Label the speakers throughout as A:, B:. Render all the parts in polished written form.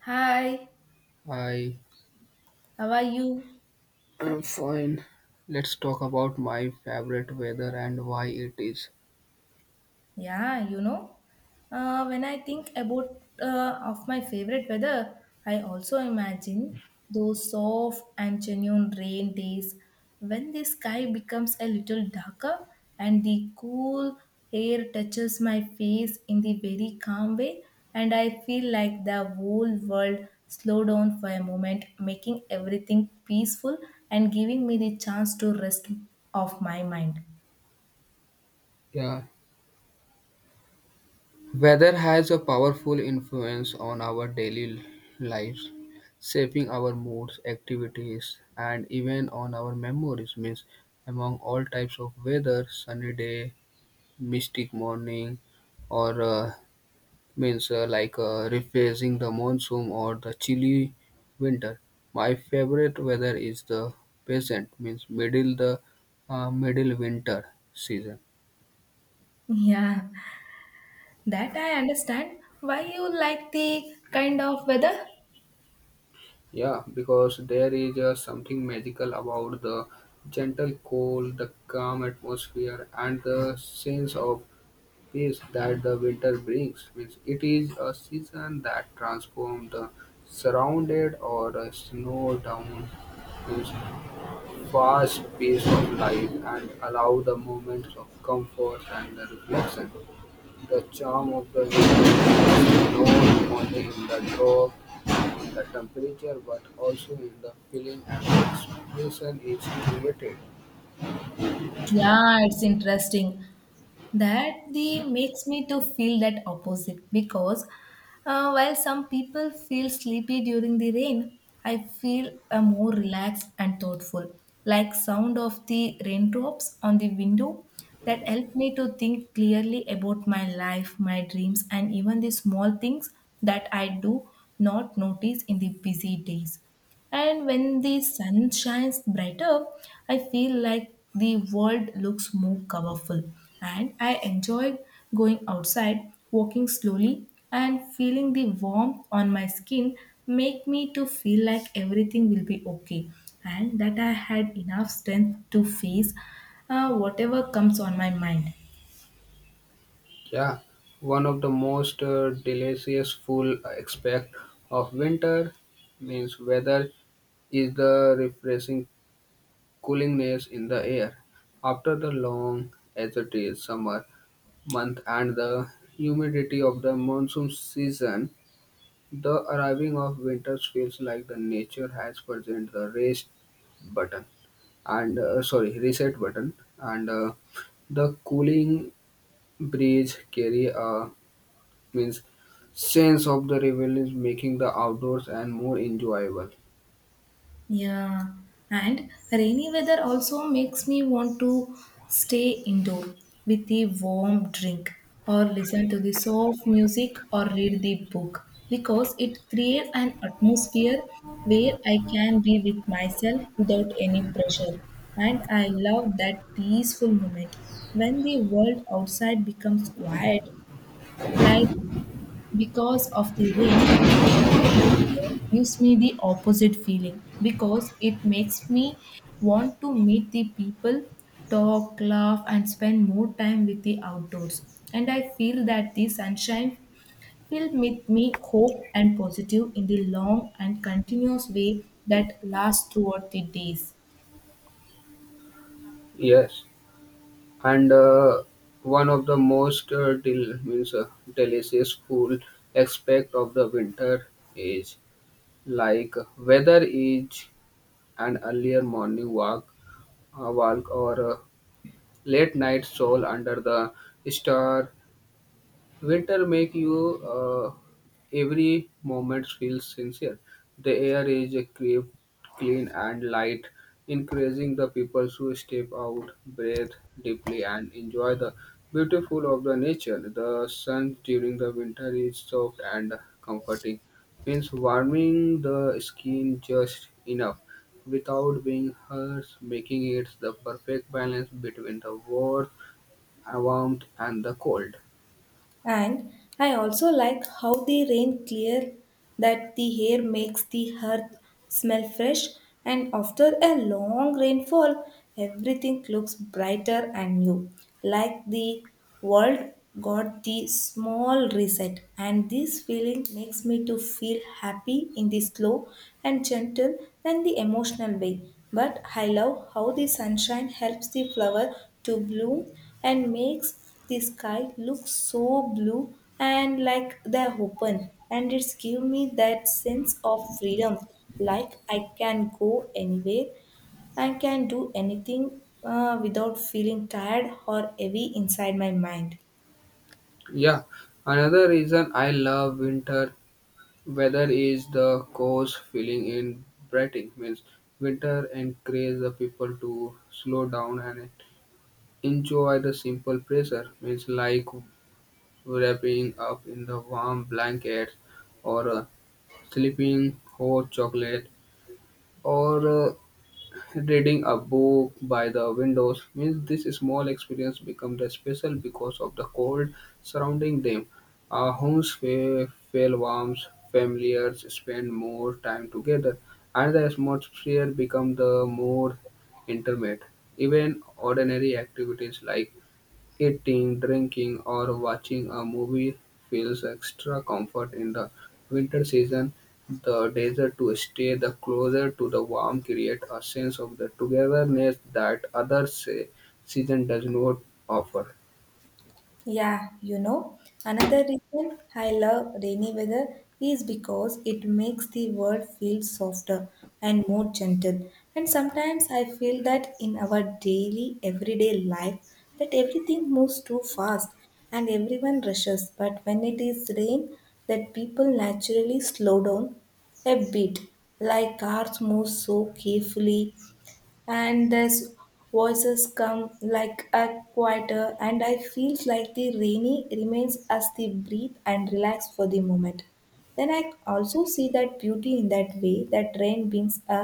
A: Hi,
B: I
A: how are you?
B: am fine. Let's talk about my favorite weather and why it is.
A: Yeah, you know, when I think about of my favorite weather, I also imagine those soft and genuine rain days when the sky becomes a little darker and the cool air touches my face in the very calm way, and I feel like the whole world slow down for a moment, making everything peaceful and giving me the chance to rest of my mind.
B: Yeah, weather has a powerful influence on our daily lives, shaping our moods, activities, and even on our memories. Means among all types of weather, sunny day, mystic morning, or means like rephrasing the monsoon or the chilly winter. My favorite weather is the peasant means middle the middle winter season.
A: Yeah, that I understand. Why you like the kind of weather?
B: Yeah, because there is something magical about the gentle cold, the calm atmosphere, and the sense of peace that the winter brings. Means it is a season that transforms the surrounded or snow down means fast pace of life and allow the moments of comfort and the reflection. The charm of the winter is not only in the drop, in the temperature, but also in the feeling and expression is created.
A: Yeah, it's interesting. That the makes me to feel that opposite because while some people feel sleepy during the rain, I feel more relaxed and thoughtful. Like sound of the raindrops on the window that help me to think clearly about my life, my dreams, and even the small things that I do not notice in the busy days. And when the sun shines brighter, I feel like the world looks more colorful. And I enjoy going outside, walking slowly, and feeling the warmth on my skin make me to feel like everything will be okay and that I had enough strength to face whatever comes on my mind.
B: Yeah, one of the most delicious full aspect of winter means weather is the refreshing coolingness in the air. After the long, as it is summer, month and the humidity of the monsoon season, the arriving of winters feels like the nature has present the race button and sorry reset button and the cooling breeze carry a means sense of the revel making the outdoors and more enjoyable.
A: Yeah, and rainy weather also makes me want to stay indoor with a warm drink or listen to the soft music or read the book because it creates an atmosphere where I can be with myself without any pressure. And I love that peaceful moment when the world outside becomes quiet, like because of the rain. Gives me the opposite feeling because it makes me want to meet the people, talk, laugh, and spend more time with the outdoors. And I feel that the sunshine will with me hope and positive in the long and continuous way that lasts throughout the days.
B: Yes, and one of the most del- means delicious cool aspect of the winter is like whether it's an earlier morning walk, a walk or a late night stroll under the star. Winter make you every moment feel sincere. The air is crisp, clean and light, encouraging the people to step out, breathe deeply and enjoy the beautiful of the nature. The sun during the winter is soft and comforting, means warming the skin just enough without being harsh, making it the perfect balance between the warmth and the cold.
A: And I also like how the rain clear that the air makes the earth smell fresh, and after a long rainfall everything looks brighter and new, like the world got the small reset, and this feeling makes me to feel happy in the slow and gentle and the emotional way. But I love how the sunshine helps the flower to bloom and makes the sky looks so blue and like they're open, and it's give me that sense of freedom, like I can go anywhere, I can do anything without feeling tired or heavy inside my mind.
B: Yeah, another reason I love winter weather is the cozy feeling in Britain. Means winter encourages the people to slow down and enjoy the simple pleasure. Means like wrapping up in the warm blankets or sleeping hot chocolate or reading a book by the windows means this small experience becomes special because of the cold surrounding them. Our homes feel warm, familiars spend more time together, and the atmosphere become the more intimate. Even ordinary activities like eating, drinking, or watching a movie feels extra comfort in the winter season. The desire to stay the closer to the warm creates a sense of the togetherness that other season does not offer.
A: Yeah, you know, another reason I love rainy weather is because it makes the world feel softer and more gentle. And sometimes I feel that in our daily, everyday life, that everything moves too fast and everyone rushes. But when it is rain, that people naturally slow down a bit, like cars move so carefully and these voices come like a quieter, and I feel like the rainy remains as the breathe and relax for the moment. Then I also see that beauty in that way, that rain brings a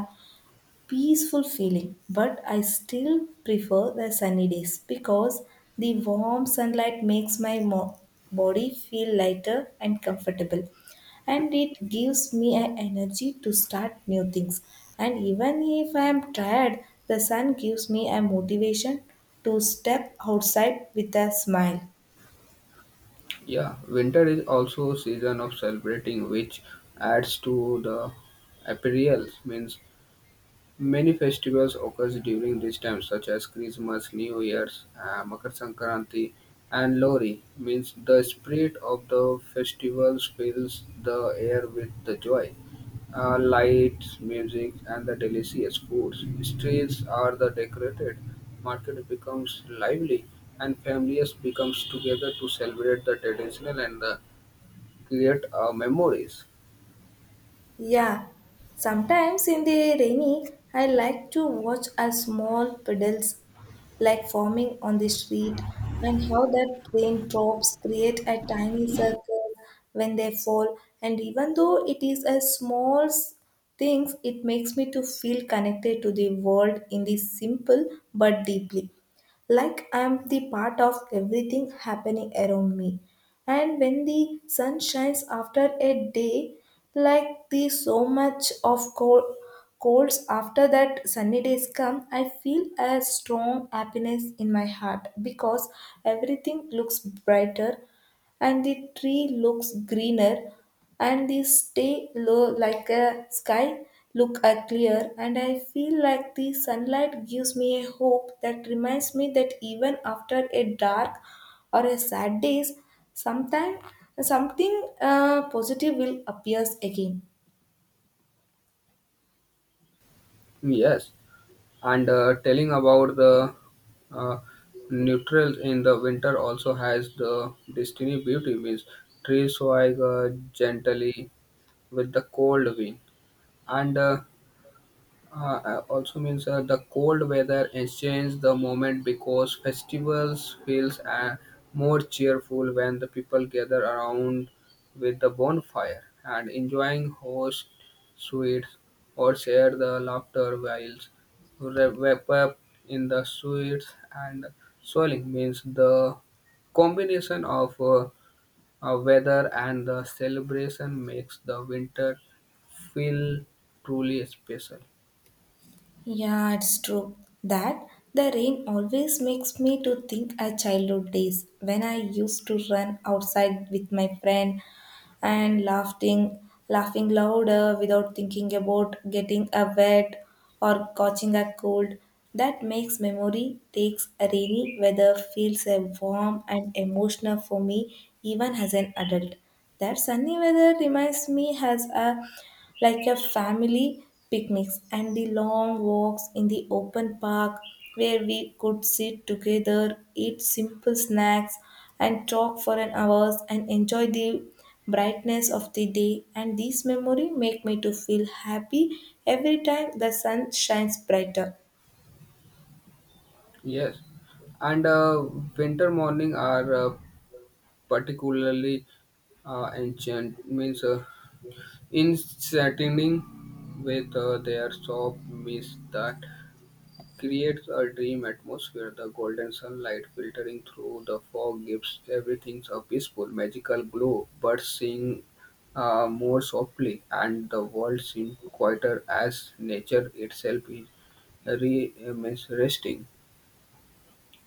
A: peaceful feeling, but I still prefer the sunny days because the warm sunlight makes my body feel lighter and comfortable, and it gives me an energy to start new things. And even if I am tired, the sun gives me a motivation to step outside with a smile.
B: Yeah, winter is also a season of celebrating, which adds to the appeal. Means many festivals occur during this time such as Christmas, New Year's, Makar Sankranti and Lohri means the spirit of the festivals fills the air with the joy. Lights, music and the delicious foods. Streets are the decorated, market becomes lively and families becomes together to celebrate the traditional and the create memories.
A: Yeah, sometimes in the rainy I like to watch a small puddles like forming on the street, and how that raindrops create a tiny circle when they fall. And even though it is a small things, it makes me to feel connected to the world in the simple but deeply, like I am the part of everything happening around me. And when the sun shines after a day like the so much of colds, after that sunny days come, I feel a strong happiness in my heart because everything looks brighter and the tree looks greener and the stay low like a sky look are clear, and I feel like the sunlight gives me a hope that reminds me that even after a dark or a sad days, sometime something positive will appears again.
B: Yes, and telling about the uh, neutrals in the winter also has the destiny beauty means trees sway gently with the cold wind and also means the cold weather changes the moment because festivals feels more cheerful when the people gather around with the bonfire and enjoying host sweets or share the laughter while wrap up in the sweets and swelling means the combination of uh, weather and the celebration makes the winter feel truly special.
A: Yeah, it's true that the rain always makes me to think of childhood days when I used to run outside with my friend and laughing louder without thinking about getting a wet or catching a cold. That makes memory takes a rainy weather feels a warm and emotional for me even as an adult. That sunny weather reminds me has a like a family picnics and the long walks in the open park where we could sit together, eat simple snacks and talk for an hours and enjoy the brightness of the day, and these memory make me to feel happy every time the sun shines brighter.
B: Yes, and winter morning are particularly ancient. Means in setting with their soft mist that creates a dream atmosphere. The golden sunlight filtering through the fog gives everything a peaceful, magical glow. Birds sing more softly, and the world seems quieter as nature itself is means resting.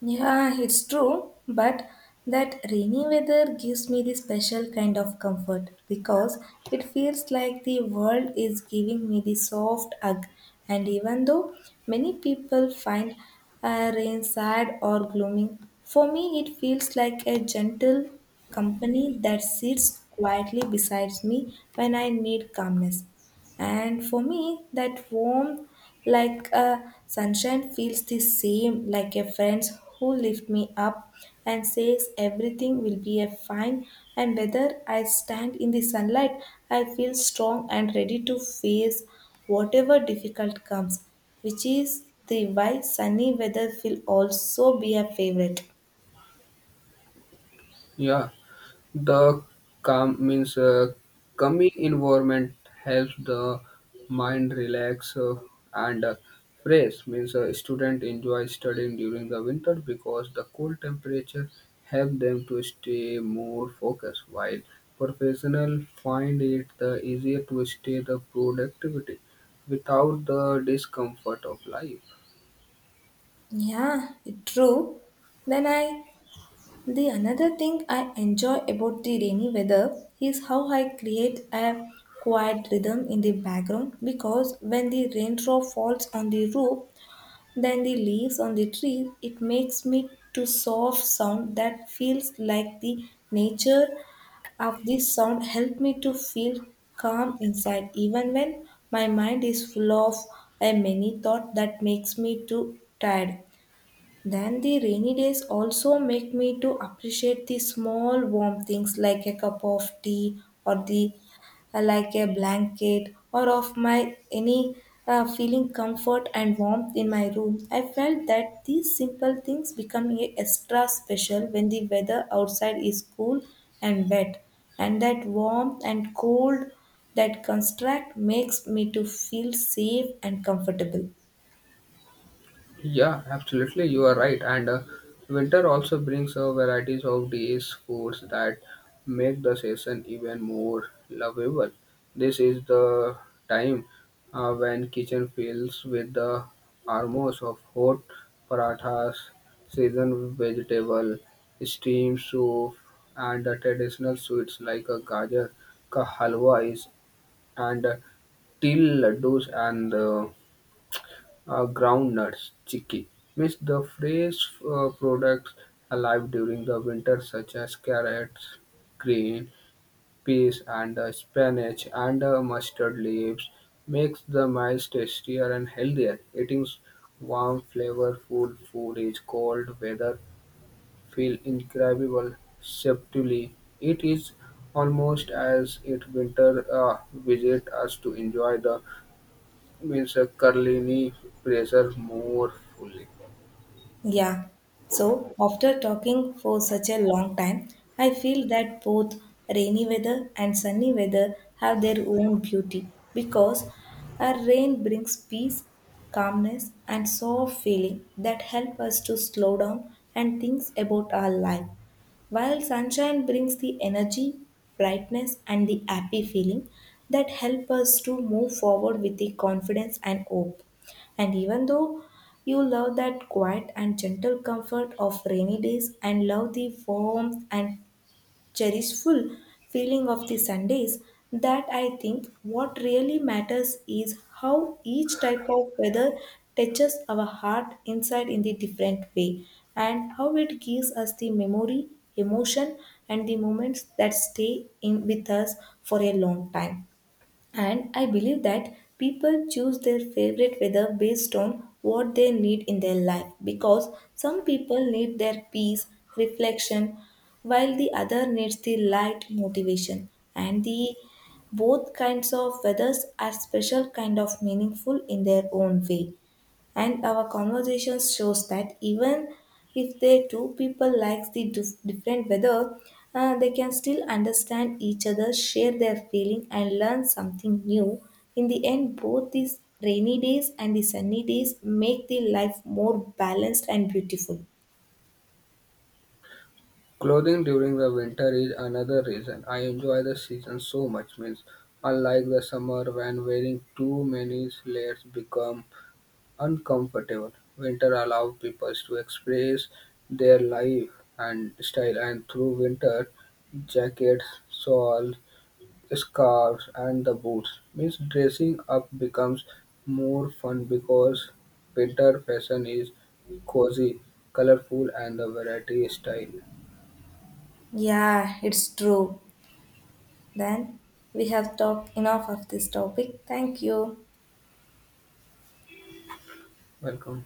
A: Yeah, it's true, but that rainy weather gives me the special kind of comfort because it feels like the world is giving me the soft hug. And even though many people find rain sad or gloomy, for me it feels like a gentle company that sits quietly beside me when I need calmness. And for me, that warm, like a sunshine, feels the same like a friend who lift me up and says everything will be a fine. And whether I stand in the sunlight, I feel strong and ready to face whatever difficult comes, which is the why sunny weather will also be a favorite.
B: Yeah. The calm means calming environment helps the mind relax and fresh means a student enjoy studying during the winter because the cool temperature help them to stay more focused while professional find it the easier to stay the productivity without the discomfort of life.
A: Yeah, true. Then I The another thing I enjoy about the rainy weather is how I create a quiet rhythm in the background, because when the raindrop falls on the roof, then the leaves on the trees, it makes me to soft sound that feels like the nature of this sound help me to feel calm inside even when my mind is full of a many thought that makes me too tired. Then the rainy days also make me to appreciate the small warm things like a cup of tea or the like a blanket or of my any feeling comfort and warmth in my room. I felt that these simple things become a extra special when the weather outside is cool and wet, and that warmth and cold that construct makes me to feel safe and comfortable.
B: Yeah, absolutely. You are right. And winter also brings a varieties of these foods that make the season even more lovable. This is the time when kitchen fills with the aromos of hot parathas, seasoned vegetable, steamed soup, and the traditional sweets like a gajar ka halwa is and til laddus and uh, ground nuts, chicky means the fresh products alive during the winter such as carrots, green peas and spinach and mustard leaves makes the meals tastier and healthier. Eating warm flavorful food is cold weather feel incredible subtly. It is almost as if winter visit us to enjoy the means a Carlini pressure more fully.
A: Yeah. So after talking for such a long time, I feel that both rainy weather and sunny weather have their own beauty because a rain brings peace, calmness, and soft feeling that help us to slow down and think about our life. While sunshine brings the energy, brightness, and the happy feeling that help us to move forward with the confidence and hope. And even though you love that quiet and gentle comfort of rainy days and love the warmth and cherishful feeling of the Sundays, that I think what really matters is how each type of weather touches our heart inside in the different way and how it gives us the memory, emotion and the moments that stay in with us for a long time. And I believe that people choose their favorite weather based on what they need in their life, because some people need their peace, reflection, while the other needs the light motivation. And the both kinds of weathers are special kind of meaningful in their own way. And our conversations shows that even if the two people likes the different weather, they can still understand each other, share their feeling, and learn something new. In the end, both these rainy days and the sunny days make the life more balanced and beautiful.
B: Clothing during the winter is another reason I enjoy the season so much. Means unlike the summer when wearing too many layers become uncomfortable. Winter allows people to express their life and style, and through winter jackets, shawl, scarves and the boots means dressing up becomes more fun because winter fashion is cozy, colorful, and the variety style.
A: Yeah, it's true. Then we have talked enough of this topic. Thank you.
B: Welcome.